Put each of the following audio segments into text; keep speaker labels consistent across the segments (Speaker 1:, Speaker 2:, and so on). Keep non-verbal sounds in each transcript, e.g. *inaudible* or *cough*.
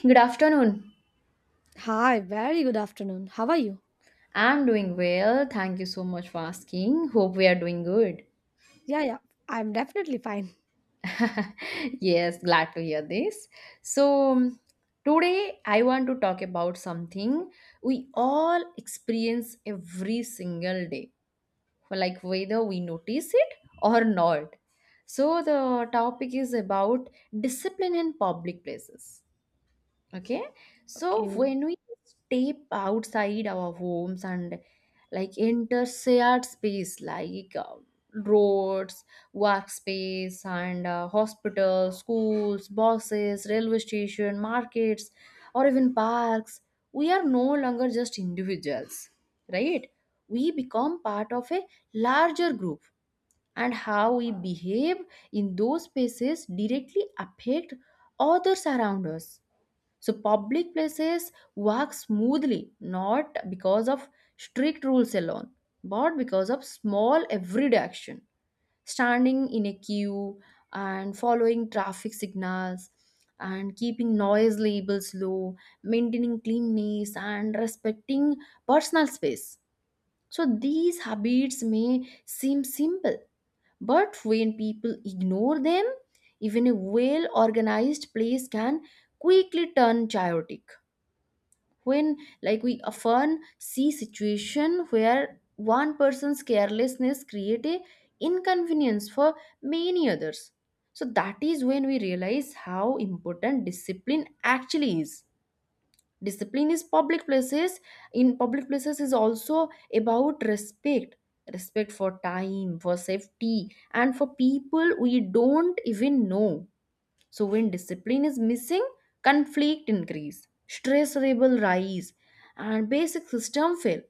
Speaker 1: Good afternoon.
Speaker 2: Hi, very good afternoon. How are you?
Speaker 1: I'm doing well. Thank you so much for asking. Hope we are doing good.
Speaker 2: Yeah, yeah, I'm definitely fine.
Speaker 1: *laughs* Yes, glad to hear this. So, today I want to talk about something we all experience every single day, for like whether we notice it or not. So, the topic is about discipline in public places. Okay, so
Speaker 2: Okay.
Speaker 1: when we step outside our homes and like enter shared space like roads, workspace, and hospitals, schools, buses, railway station, markets, or even parks, we are no longer just individuals, right? We become part of a larger group, and how we behave in those spaces directly affect others around us, so public places work smoothly not because of strict rules alone, but because of small everyday action. Standing in a queue and following traffic signals and keeping noise labels low, maintaining cleanliness, and respecting personal space. So these habits may seem simple, but when people ignore them, even a well organized place can quickly turn chaotic when like we often see situation where one person's carelessness create a inconvenience for many others, so that is when we realize how important discipline actually is. Discipline is public places in public places is also about respect, respect for time, for safety, and for people we don't even know. So when discipline is missing, conflict increase, stress level rise, and basic system fail.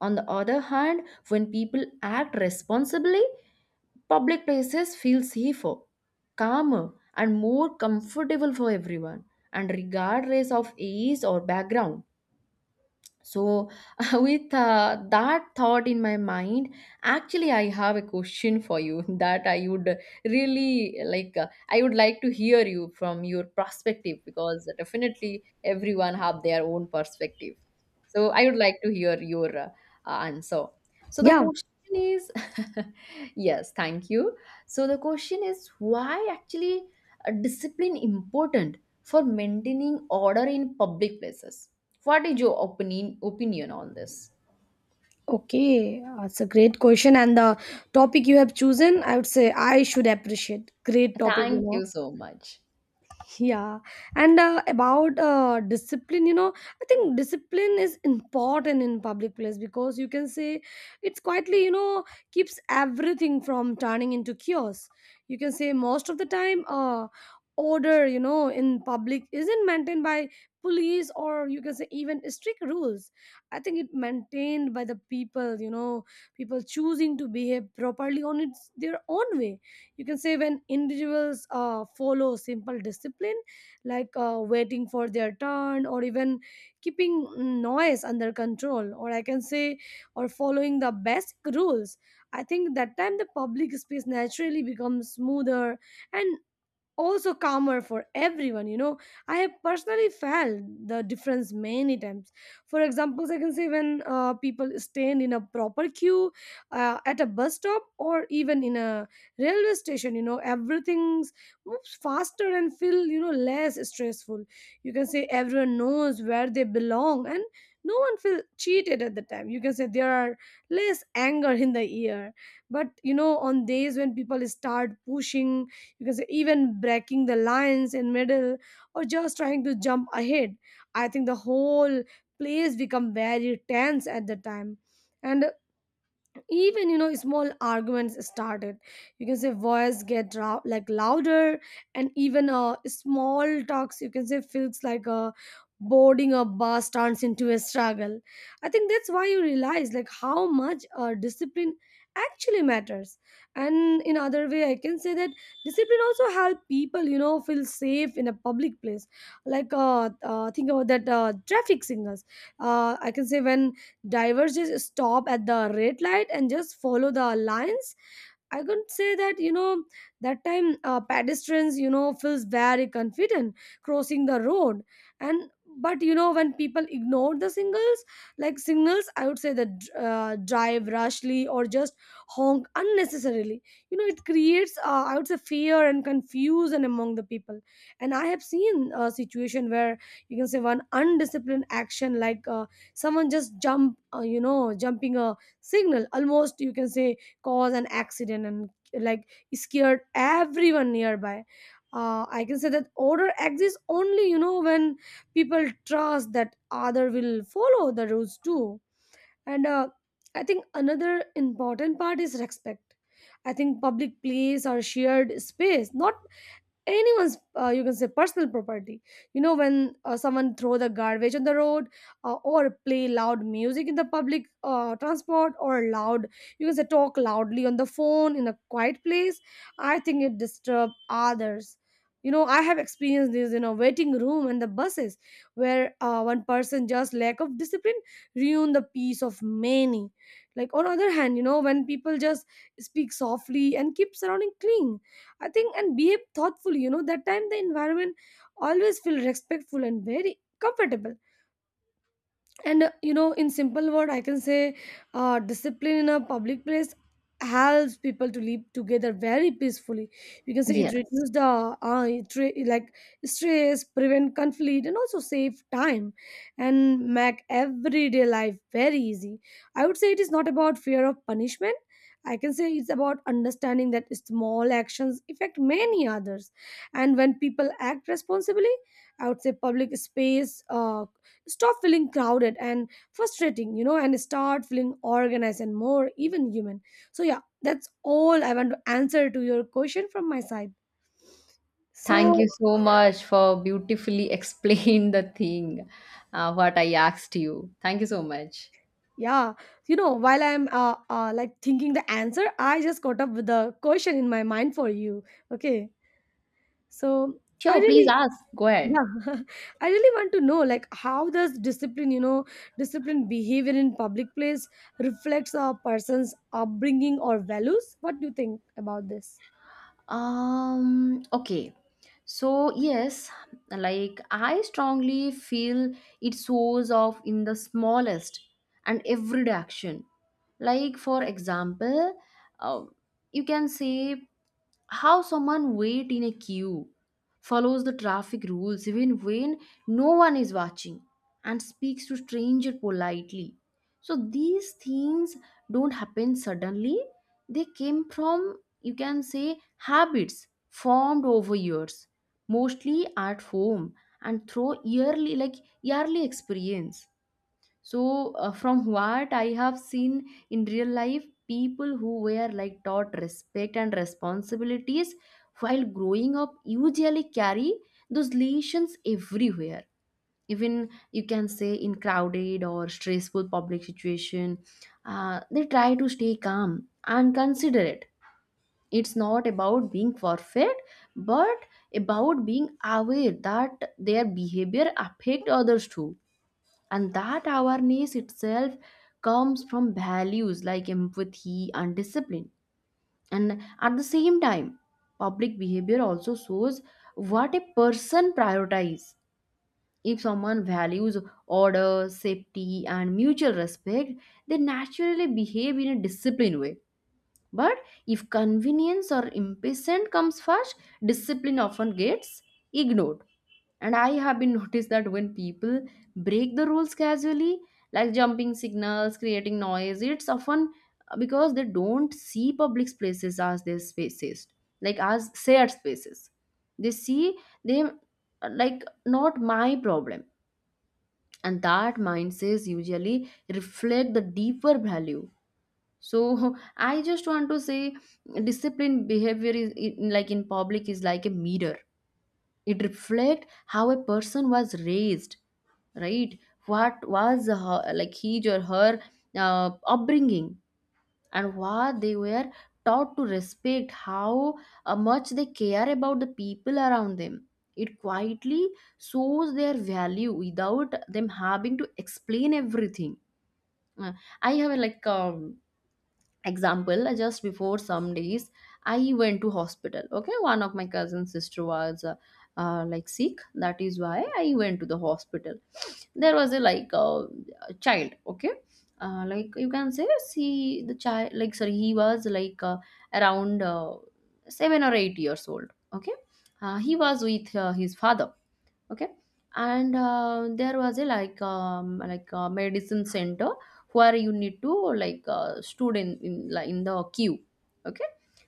Speaker 1: On the other hand, when people act responsibly, public places feel safer, calmer, and more comfortable for everyone, and regardless of age or background. So, *laughs* with that thought in my mind, actually, I have a question for you *laughs* that I would really like. I would like to hear you from your perspective because definitely everyone have their own perspective. So, I would like to hear your answer. So, the
Speaker 2: Yeah,
Speaker 1: question is, *laughs* yes, thank you. So, the question is, why actually discipline important for maintaining order in public places? What is your opinion on this?
Speaker 2: okay. That's a great question. And the topic you have chosen, I would say I should appreciate. Great topic, you
Speaker 1: Thank
Speaker 2: know.
Speaker 1: you so much.
Speaker 2: Yeah, and about discipline, I think discipline is important in public place, because you can say it's quietly, keeps everything from turning into chaos. You can say most of the time, order, in public isn't maintained by police, or you can say even strict rules. I think it maintained by the people, people choosing to behave properly on its their own way. You can say when individuals follow simple discipline, like waiting for their turn, or even keeping noise under control, or I can say or following the basic rules. I think that time the public space naturally becomes smoother and also calmer for everyone. I have personally felt the difference many times. For examples I can say when people stand in a proper queue, at a bus stop or even in a railway station, everything moves faster and feel less stressful. You can say everyone knows where they belong and no one feels cheated. At the time you can say there are less anger in the air. But on days when people start pushing, because even breaking the lines in middle or just trying to jump ahead, I think the whole place become very tense at the time. And even small arguments started. You can say voice get like louder, and even small talks you can say feels like a boarding a bus turns into a struggle. I think that's why you realize, like, how much discipline actually matters. And in other way I can say that discipline also help people feel safe in a public place. Like think about that traffic signals. I can say when drivers just stop at the red light and just follow the lines. I could say that, that time pedestrians feels very confident crossing the road. And but when people ignore the signals, like signals I would say that drive rashly or just honk unnecessarily. It creates, I would say, fear and confusion among the people. And I have seen a situation where you can say one undisciplined action, like someone just jumping a signal, almost you can say cause an accident and like scared everyone nearby. I can say that order exists only when people trust that other will follow the rules too. And I think another important part is respect. I think public place or shared space not anyone's, you can say, personal property. When someone throw the garbage on the road, or play loud music in the public transport, or loud you can say talk loudly on the phone in a quiet place. I think it disturb others. I have experienced this in a waiting room and the buses, where one person just lack of discipline ruin the peace of many. Like on other hand when people just speak softly and keep surrounding clean, I think, and behave thoughtfully. That time the environment always feel respectful and very comfortable. And in simple word I can say, discipline in a public place helps people to live together very peacefully. You can say it
Speaker 1: Yes.
Speaker 2: reduces the, it re- like stress, prevent conflict, and also save time, and make everyday life very easy. I would say it is not about fear of punishment. I can say it's about understanding that small actions affect many others. And when people act responsibly, I would say public space stop feeling crowded and frustrating, and start feeling organized and more even human. So yeah, that's all I want to answer to your question from my side,
Speaker 1: Thank
Speaker 2: so.
Speaker 1: you so much for beautifully *laughs* explain the thing what I asked you. Thank you so much.
Speaker 2: Yeah, while I'm like thinking the answer, I just caught up with the question in my mind for you. Okay, so I
Speaker 1: Sure, please
Speaker 2: really.
Speaker 1: ask. Go ahead.
Speaker 2: Yeah, *laughs* I really want to know, like, how does discipline behavior in public place reflects a person's upbringing or values? What do you think about this?
Speaker 1: Okay. So, yes, like I strongly feel it shows off in the smallest and everyday action. Like, for example, uh, you can say how someone wait in a queue, follows the traffic rules even when no one is watching, and speaks to stranger politely. So, these things don't happen suddenly, they came from you can say habits formed over years, mostly at home and through yearly experience. So from what I have seen in real life, people who were like taught respect and responsibilities while growing up usually carry those lessons everywhere, even you can say in crowded or stressful public situation. They try to stay calm and considerate. It's not about being perfect but about being aware that their behavior affect others too, and that awareness itself comes from values like empathy and discipline. And at the same time, public behavior also shows what a person prioritizes. If someone values order, safety, and mutual respect, they naturally behave in a disciplined way. But if convenience or impatience comes first, discipline often gets ignored. And I have been *laughs* noticed that when people break the rules casually, like jumping signals, creating noise, it's often because they don't see public places as their spaces, like as shared spaces. They see them like not my problem. And that mindset usually reflect the deeper value. So *laughs* I just want to say disciplined behavior is in, like in public is like a mirror. It reflects how a person was raised, right? What was her, like his or her upbringing, and what they were taught to respect, how much they care about the people around them. It quietly shows their value without them having to explain everything. Uh, I have like example, just before some days I went to hospital. Okay, one of my cousin's sister was like sick, that is why I went to the hospital. There was a like a child, okay. Like you can say see the child, like sorry, he was like around 7 or 8 years old, okay. He was with his father, okay. And there was a like a medicine center where you need to like stood in the queue, okay.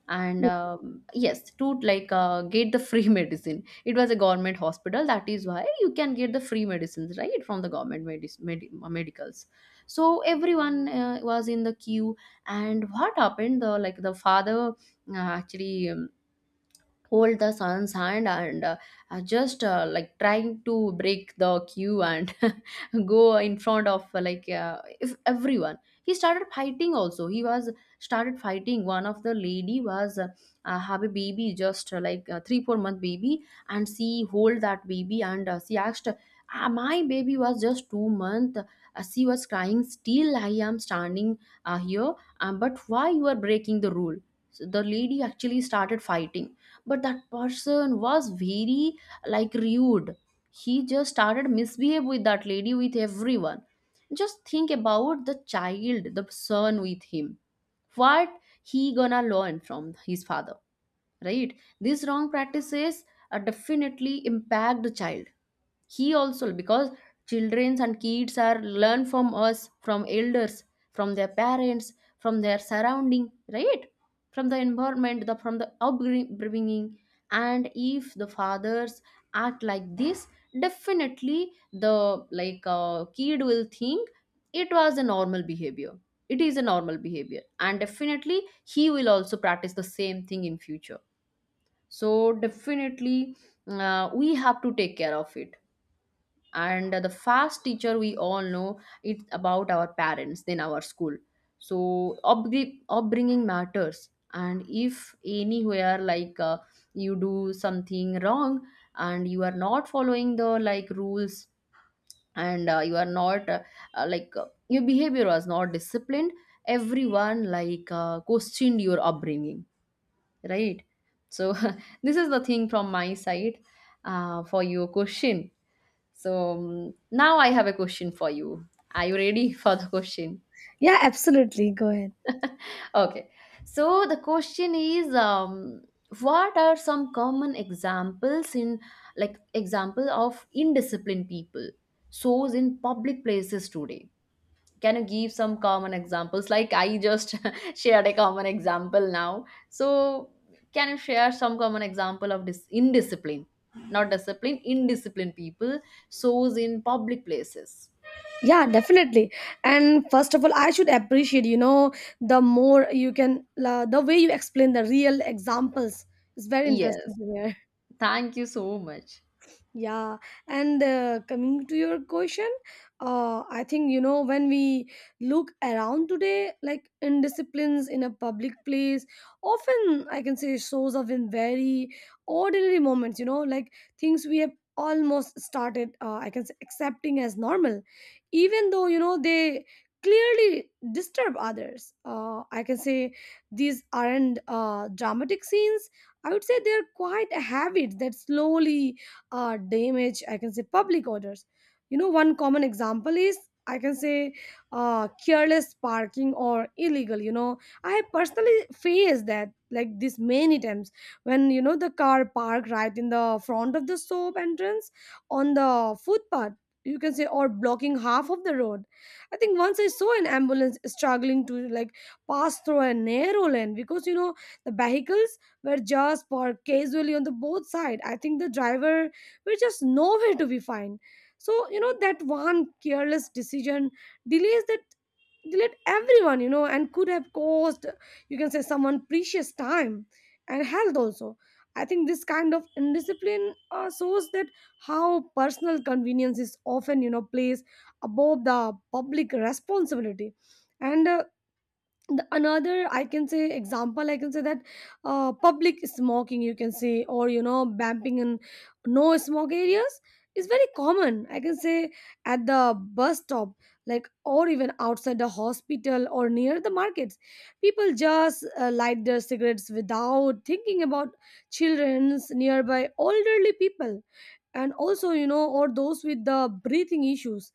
Speaker 1: And yes, to like get the free *laughs* medicine. It was a government hospital, that is why you can get the free medicines right from the government medicals. So everyone was in the queue. And what happened, the like the father actually hold the son's hand and just like trying to break the queue and *laughs* go in front of like if everyone. He started fighting also, he was started fighting. One of the lady was have a baby, just like 3 4 month baby. And she hold that baby and she asked, "Ah, my baby was just 2 month, she was crying, still I am standing here, but why you are breaking the rule?" So the lady actually started fighting, but that person was very like rude. He just started misbehave with that lady, with everyone. Just think about the child, the son with him, what he gonna learn from his father, right? These wrong practices definitely impact the child. He also, because children and kids are learn from us, from elders, from their parents, from their surrounding, right? From the environment, the from the upbringing. And if the fathers act like this, definitely the like kid will think it was a normal behavior, it is a normal behavior, and definitely he will also practice the same thing in future. So definitely we have to take care of it. And the fast teacher, we all know, it's about our parents, then our school. So upbringing matters. And if anywhere like you do something wrong and you are not following the like rules, and you are not like your behavior was not disciplined, everyone like questioned your upbringing, right? So *laughs* this is the thing from my side, for your question. So now I have a question for you. Are you ready *laughs* for the question?
Speaker 2: Yeah, absolutely. Go ahead.
Speaker 1: Okay. So the question is, what are some common examples in like example of indisciplined people shows in public places today? Can you give some common examples? Like I just *laughs* shared a common example now. So can you share some common example of this indiscipline? Not discipline, indisciplined people shows in public places.
Speaker 2: Yeah, definitely. And first of all, I should appreciate, the more you can, la the way you explain the real examples is very interesting
Speaker 1: Yes.
Speaker 2: to hear. *laughs*
Speaker 1: Thank you so much.
Speaker 2: Yeah, and coming to your question, I think when we look around today, like indisciplines in a public place, often I can say shows up in very ordinary moments. Like things we have almost started, I can say, accepting as normal, even though they clearly disturb others. I can say these aren't dramatic scenes. I would say they're quite habits that slowly damage I can say public orders. One common example is I can say careless parking or illegal. I have personally faced that like this many times, when the car parked right in the front of the shop entrance, on the footpath you can say, or blocking half of the road. I think once I saw an ambulance struggling to, like, pass through a narrow lane, because the vehicles were just parked casually on the both side. I think the driver were just nowhere to be found. So, that one careless decision delays that delayed everyone, and could have caused, you can say, someone precious time and health also. I think this kind of indiscipline shows that how personal convenience is often, placed above the public responsibility. And the another I can say example I can say that public smoking, you can say, or bamping in no smoke areas is very common, I can say, at the bus stop, like, or even outside the hospital or near the markets. People just light their cigarettes without thinking about children's nearby, elderly people, and also or those with the breathing issues.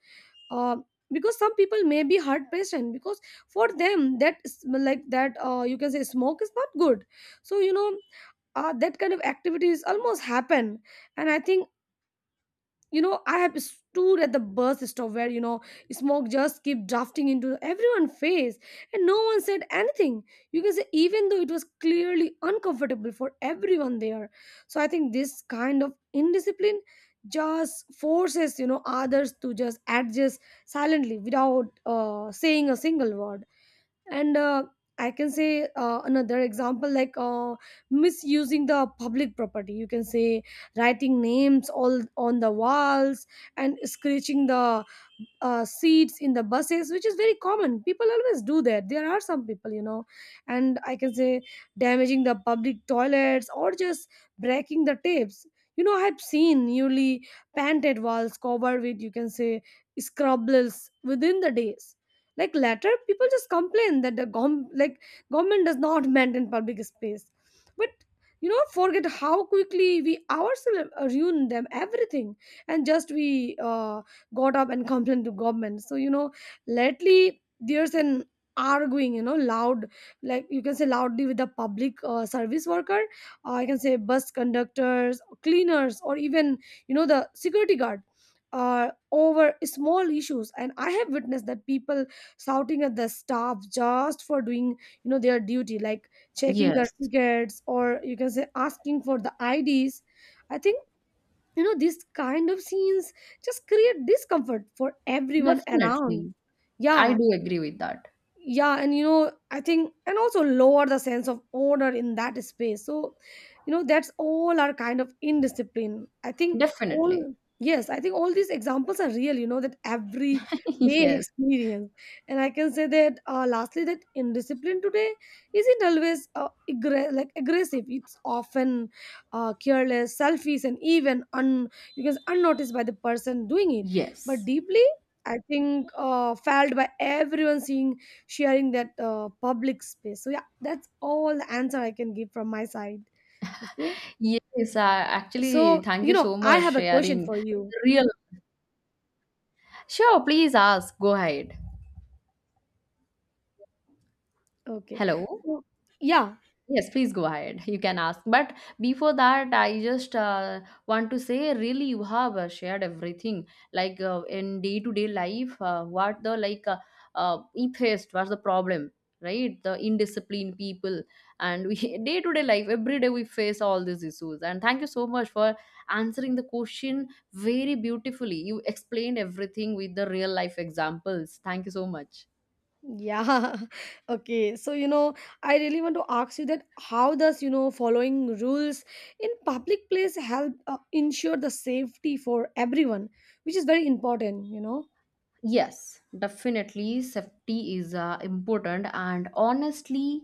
Speaker 2: Uh, because some people may be hard patient. Because for them like that you can say smoke is not good. So that kind of activities almost happen. And I think, I have stood at the bus stop where smoke just kept drafting into everyone's face, and no one said anything. You can say, even though it was clearly uncomfortable for everyone there. So I think this kind of indiscipline just forces, others to just adjust silently without saying a single word. And I can say, another example, like misusing the public property, you can say writing names all on the walls, and scratching the seats in the buses, which is very common, people always do that, there are some people. And I can say damaging the public toilets, or just breaking the tapes. I've seen newly painted walls covered with, you can say, scrabbles within the days. Like later people just complain that the like government does not *laughs* maintain public space. But forget how quickly we ourselves ruin them everything, and just we got up and *laughs* complained to government. So lately there's an arguing, loud, like you can say, loudly with the public service worker, I can say, bus conductors, cleaners, or even the security guard, over small issues. And I have witnessed that people shouting at the staff just for doing their duty, like checking their
Speaker 1: Yes,
Speaker 2: tickets, or you can say asking for the IDs. I think, these kind of scenes just create discomfort for everyone around.
Speaker 1: definitely. I
Speaker 2: Yeah,
Speaker 1: do agree with that.
Speaker 2: yeah, and I think, and also lower the sense of order in that space, so. That's all our kind of indiscipline, I think. All,
Speaker 1: Definitely.
Speaker 2: yes, I think all these examples are real, that every
Speaker 1: *laughs*
Speaker 2: day, *laughs*
Speaker 1: Yes.
Speaker 2: experience. And I can say that, lastly, that indiscipline today isn't always like aggressive, it's often careless, selfish, and even un you can unnoticed by the person doing it. But
Speaker 1: Yes.
Speaker 2: deeply, I think, felt by everyone seeing, sharing that public space. So yeah, that's all the answer I can give from my side. Okay.
Speaker 1: Yes, actually,
Speaker 2: So,
Speaker 1: thank you so
Speaker 2: I
Speaker 1: much
Speaker 2: have a question
Speaker 1: sharing
Speaker 2: for you.
Speaker 1: the real. Sure, please ask. Go ahead.
Speaker 2: Okay.
Speaker 1: Hello.
Speaker 2: So, yeah.
Speaker 1: Yes, please go ahead. You can ask. But before that, I just want to say, really, you have shared everything. Like in day to day life, what the like atheist, what's the problem, right? The indisciplined people, and we *laughs* day to day life, every day we face all these issues. And thank you so much for answering the question very beautifully. You explained everything with the real life examples. Thank you so much.
Speaker 2: Yeah. *laughs* Okay. So, you know, I really want to ask you that how does, you know, following rules in public place help ensure the safety for everyone, which is very important, you
Speaker 1: Yes, definitely. Safety is important. And honestly,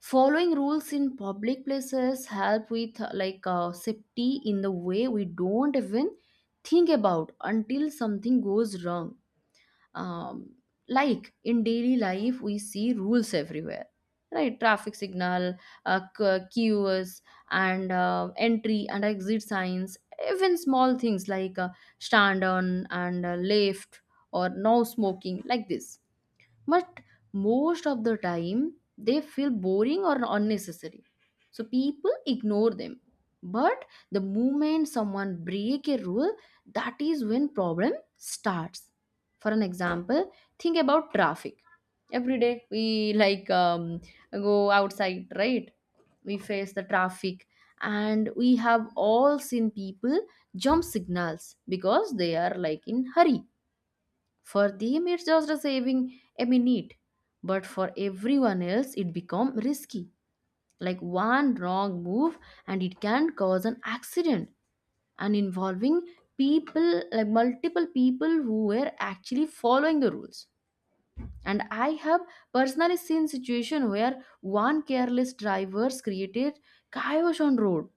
Speaker 1: following rules in public places help with like safety in the way we don't even think about until something goes wrong. um, like in daily life we see rules everywhere, right? Traffic signal, queues, and entry and exit signs. Even small things like stand on and left, or no smoking, like this. But most of the time they feel boring or unnecessary, so people ignore them. But the moment someone break a rule, that is when problem starts. For an example, think about traffic. Every day we like go outside, right? We face the traffic. And we have all seen people jump signals because they are like in hurry. For them, it's just a saving a minute, but for everyone else, it become risky. Like one wrong move, and it can cause an accident, and involving people like multiple people who were actually following the rules. And I have personally seen situation where one careless driver's created chaos on road,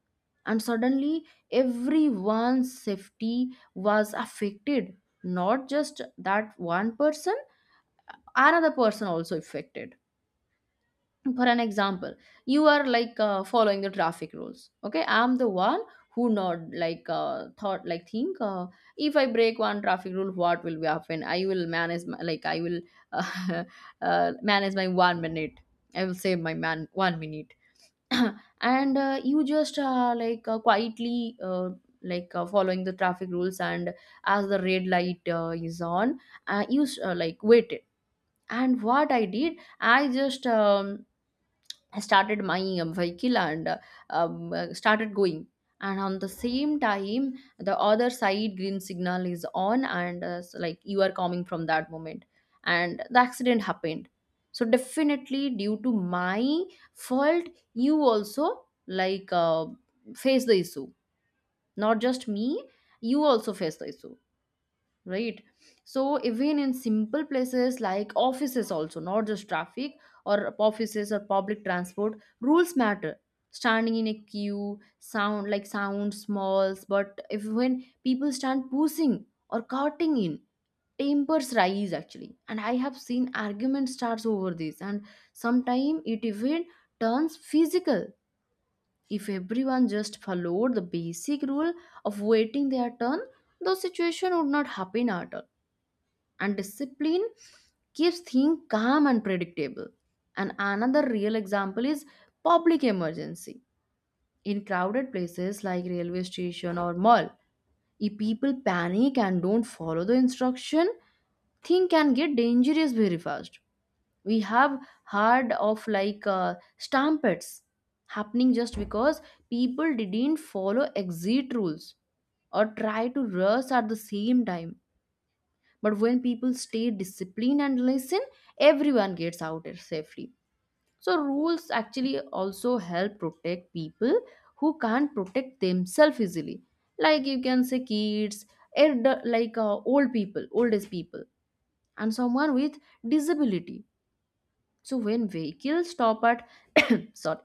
Speaker 1: and suddenly everyone's safety was affected. Not just that one person another person also affected. For an example, you are like following the traffic rules. Okay, I'm the one who not like thought like think if I break one traffic rule what will be happen, I will manage my, like I will uh, *laughs* manage my 1 minute, I will save my man 1 minute. *clears throat* And you just like quietly, following the traffic rules, and as the red light is on, like waited. And what I did, I just started my vehicle and started going. And on the same time, the other side green signal is on, and so, like you are coming from that moment. And the accident happened. So, definitely, due to my fault, you also face the issue. Not just me, you also face the issue, right? So even in simple places like offices also, not just traffic or offices or public transport, rules matter. Standing in a queue sound smalls, but if when people stand pushing or cutting in, tempers rise actually. And I have seen argument starts over this, and sometimes it even turns physical. If everyone just followed the basic rule of waiting their turn, the situation would not happen at all, and discipline keeps things calm and predictable. And another real example is public emergency. In crowded places like railway station or mall, if people panic and don't follow the instruction, thing can get dangerous very fast. We have heard of stampedes happening just because people didn't follow exit rules or try to rush at the same time. But when people stay disciplined and listen, everyone gets out there safely. So rules actually also help protect people who can't protect themselves easily. Like you can say kids, elder, old people, oldest people, and someone with disability. So when vehicles stop at *coughs* sorry,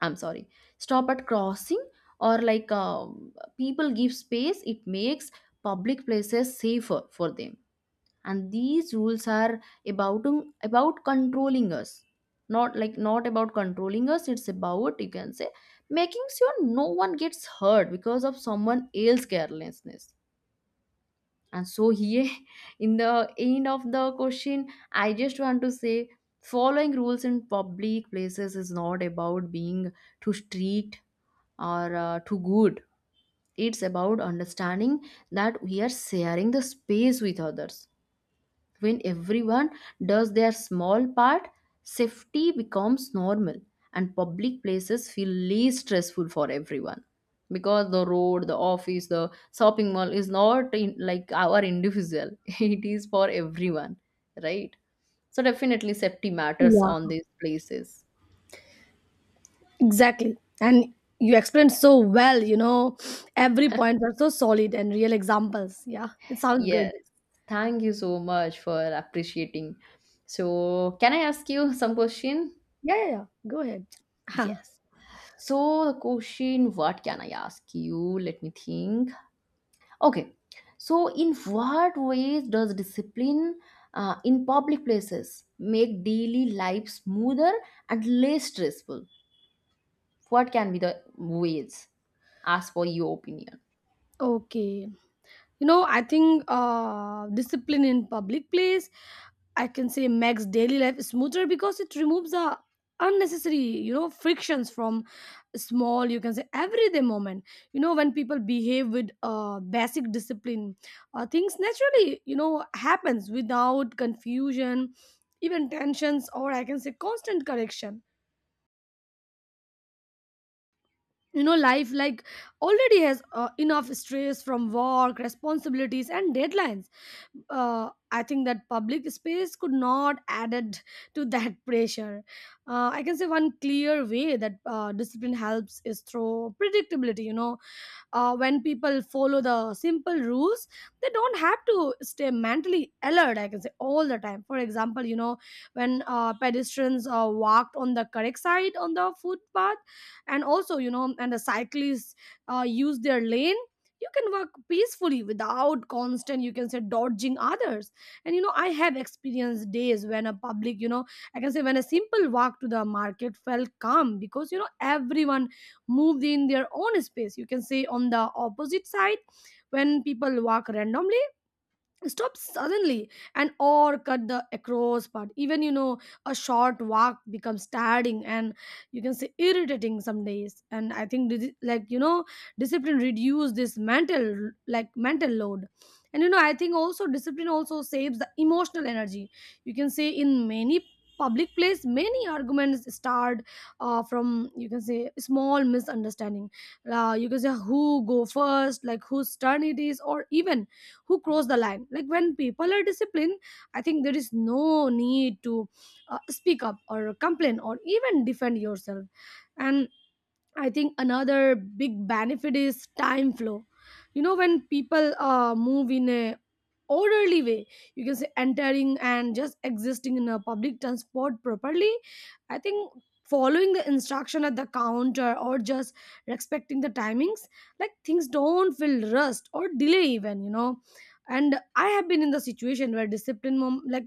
Speaker 1: I'm sorry, stop at crossing or like people give space, it makes public places safer for them. And these rules are about about controlling us, not, like, not about controlling us, it's about, you can say, making sure no one gets hurt because of someone else's carelessness. And so here, *laughs* in the end of the question, I just want to say following rules in public places is not about being too strict or too good. It's about understanding that we are sharing the space with others. When everyone does their small part, safety becomes normal and public places feel least stressful for everyone. Because the road, the office, the shopping mall is not in, like, our individual, *laughs* it is for everyone, right? So, definitely, safety matters on
Speaker 2: know?
Speaker 1: these places.
Speaker 2: Exactly. And you explained so well, you know, every point are so solid and real examples. Yeah, it sounds good.
Speaker 1: Yes. Thank you so much for appreciating. So, can I ask you some question?
Speaker 2: Yeah, yeah, yeah. Go ahead.
Speaker 1: Yes. So the question, what can I ask you? Let me think. Okay. So in what ways does discipline in public places make daily life smoother and less stressful? What can be the ways? Ask for your opinion.
Speaker 2: *laughs* Okay. You know, I think discipline in public place, I can say, makes daily life smoother because it removes the unnecessary, you know, frictions from small, you can say, everyday moment. You know, when people behave with basic discipline, things naturally, you know, happens without confusion, even tensions or, I can say, constant correction. You know, life like already has enough stress from work responsibilities and deadlines. uh, I think that public space could not added to that *laughs* pressure. I can say one clear way that discipline helps is through predictability. You know, when people follow the simple rules, they don't have to stay mentally alert, I can say, all the time. For example, you know, when pedestrians walked on the correct side on the footpath, and also, you know, and the cyclists use their lane, you can walk peacefully without constant, you can say, dodging others. And you know, I have experienced days when a public, you know, I can say, when a simple walk to the market felt calm because, you know, everyone moved in their own space. You can say on the opposite side, when people walk randomly, stop suddenly, and or cut the across part, even, you know, a short walk becomes tiring and, you can say, irritating some days. And I think like you know, discipline reduce this mental load. And you know, I think also discipline also saves the emotional energy. You can say in many public place many arguments start from, you can say, small misunderstanding, you can say who go first, like whose turn it is, or even who cross the line. Like when people are disciplined, I think there is no need to speak up or complain or even defend yourself. And I think another big benefit is time flow. You know, when people move in a orderly way, you can say entering and just existing in a public transport properly. I think following the instruction at the counter or just respecting the timings, like things don't feel rushed or delay even. You know, and I have been in the situation where discipline, mom, like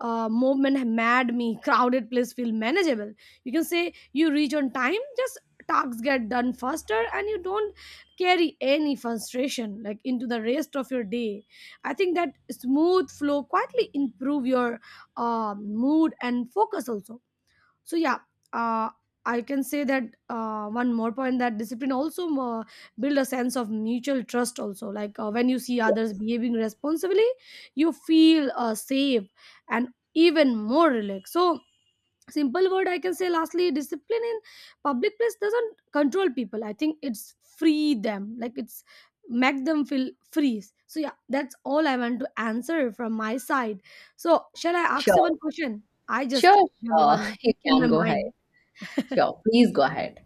Speaker 2: movement, mad me. Crowded place feel manageable. You can say you reach on time, just tasks get done faster and you don't carry any frustration like into the rest of your day. I think that smooth flow quietly improve your mood and focus also. So yeah, uh, I can say that one more point that discipline also build a sense of mutual trust also, like when you see others
Speaker 1: Yes.
Speaker 2: behaving responsibly, you feel safe and even more relaxed. So, simple word, I can say lastly discipline in public place doesn't control people, I think it's free them, like it's make them feel free. So yeah, that's all I want to answer from my side. So shall I
Speaker 1: Sure.
Speaker 2: ask you one question? I just
Speaker 1: Sure,
Speaker 2: have
Speaker 1: sure.
Speaker 2: one
Speaker 1: *laughs* You
Speaker 2: in
Speaker 1: can
Speaker 2: my
Speaker 1: go ahead.
Speaker 2: mind. *laughs*
Speaker 1: Sure. Please go ahead.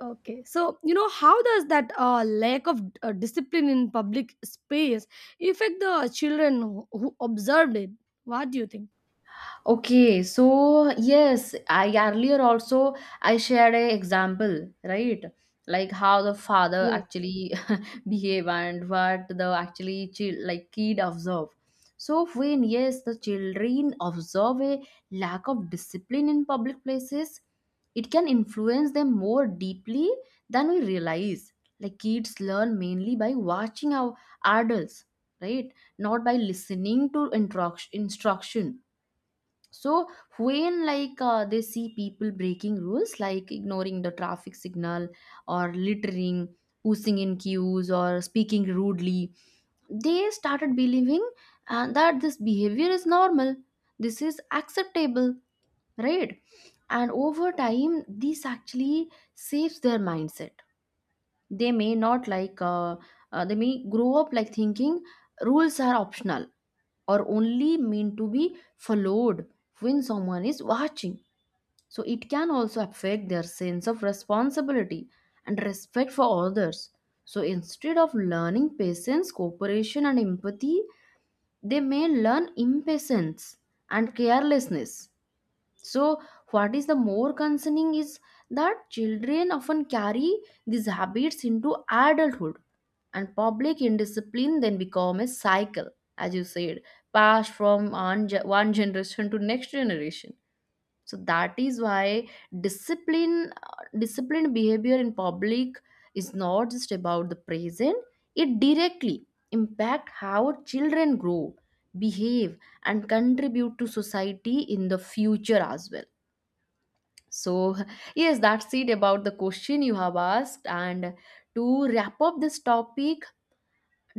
Speaker 2: Okay, so you know how does that lack of discipline in public space affect the children who observed it? What do you think?
Speaker 1: Okay, so yes, I earlier also I shared a example, right? Like how the father
Speaker 2: Yes,
Speaker 1: actually *laughs* behave and what the actually child like kid observe. So when yes, the children observe a lack of discipline in public places, it can influence them more deeply than we realize. Like kids learn mainly by watching our adults, right? Not by listening to instruction. So when they see people breaking rules like ignoring the traffic signal or littering, pushing in queues or speaking rudely, they started believing that this behavior is normal, this is acceptable, right? And over time this actually shapes their mindset. They may not like they may grow up like thinking rules are optional or only meant to be followed when someone is watching. So it can also affect their sense of responsibility and respect for others. So instead of learning patience, cooperation, and empathy, they may learn impatience and carelessness. So, what is the more concerning is that children often carry these habits into adulthood, and public indiscipline then become a cycle, as you said, passed from one generation to next generation. So that is why discipline uh, disciplined behavior in public is not just about the present. It directly impact how children grow, behave, and contribute to society in the future as well. So *laughs* yes, that's it about the question you have asked. And to wrap up this topic,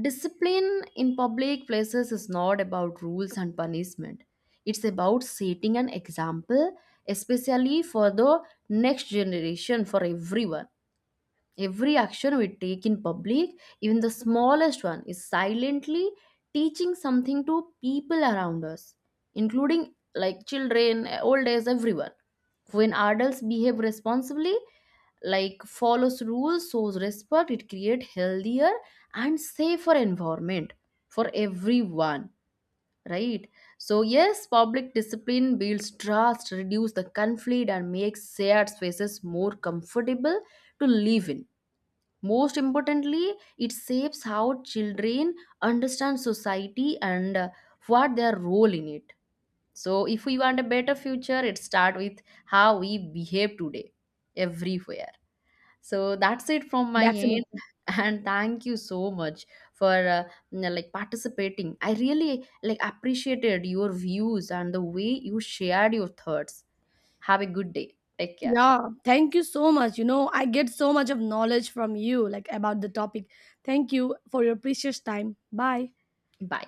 Speaker 1: discipline in public places is not about rules and punishment. It's about setting an example, especially for the next generation, for everyone. Every action we take in public, even the smallest one, is silently teaching something to people around us, including like children, old age, everyone. When adults behave responsibly, like follows rules, shows respect, it creates healthier and safer environment for everyone, right? So yes, public discipline builds trust, reduce the conflict, and makes shared spaces more comfortable to live in. Most importantly, it shapes how children understand society and what their role in it. So if we want a better future, it start with how we behave today, everywhere. So that's it from my end.
Speaker 2: definitely.
Speaker 1: *laughs* And thank you so much for you know, like participating. I really like appreciated your views and the way you shared your thoughts. Have a good day, take care,
Speaker 2: Yeah, thank you so much. You know, I get so much of knowledge from you like about the topic. Thank you for your precious time. Bye.
Speaker 1: bye.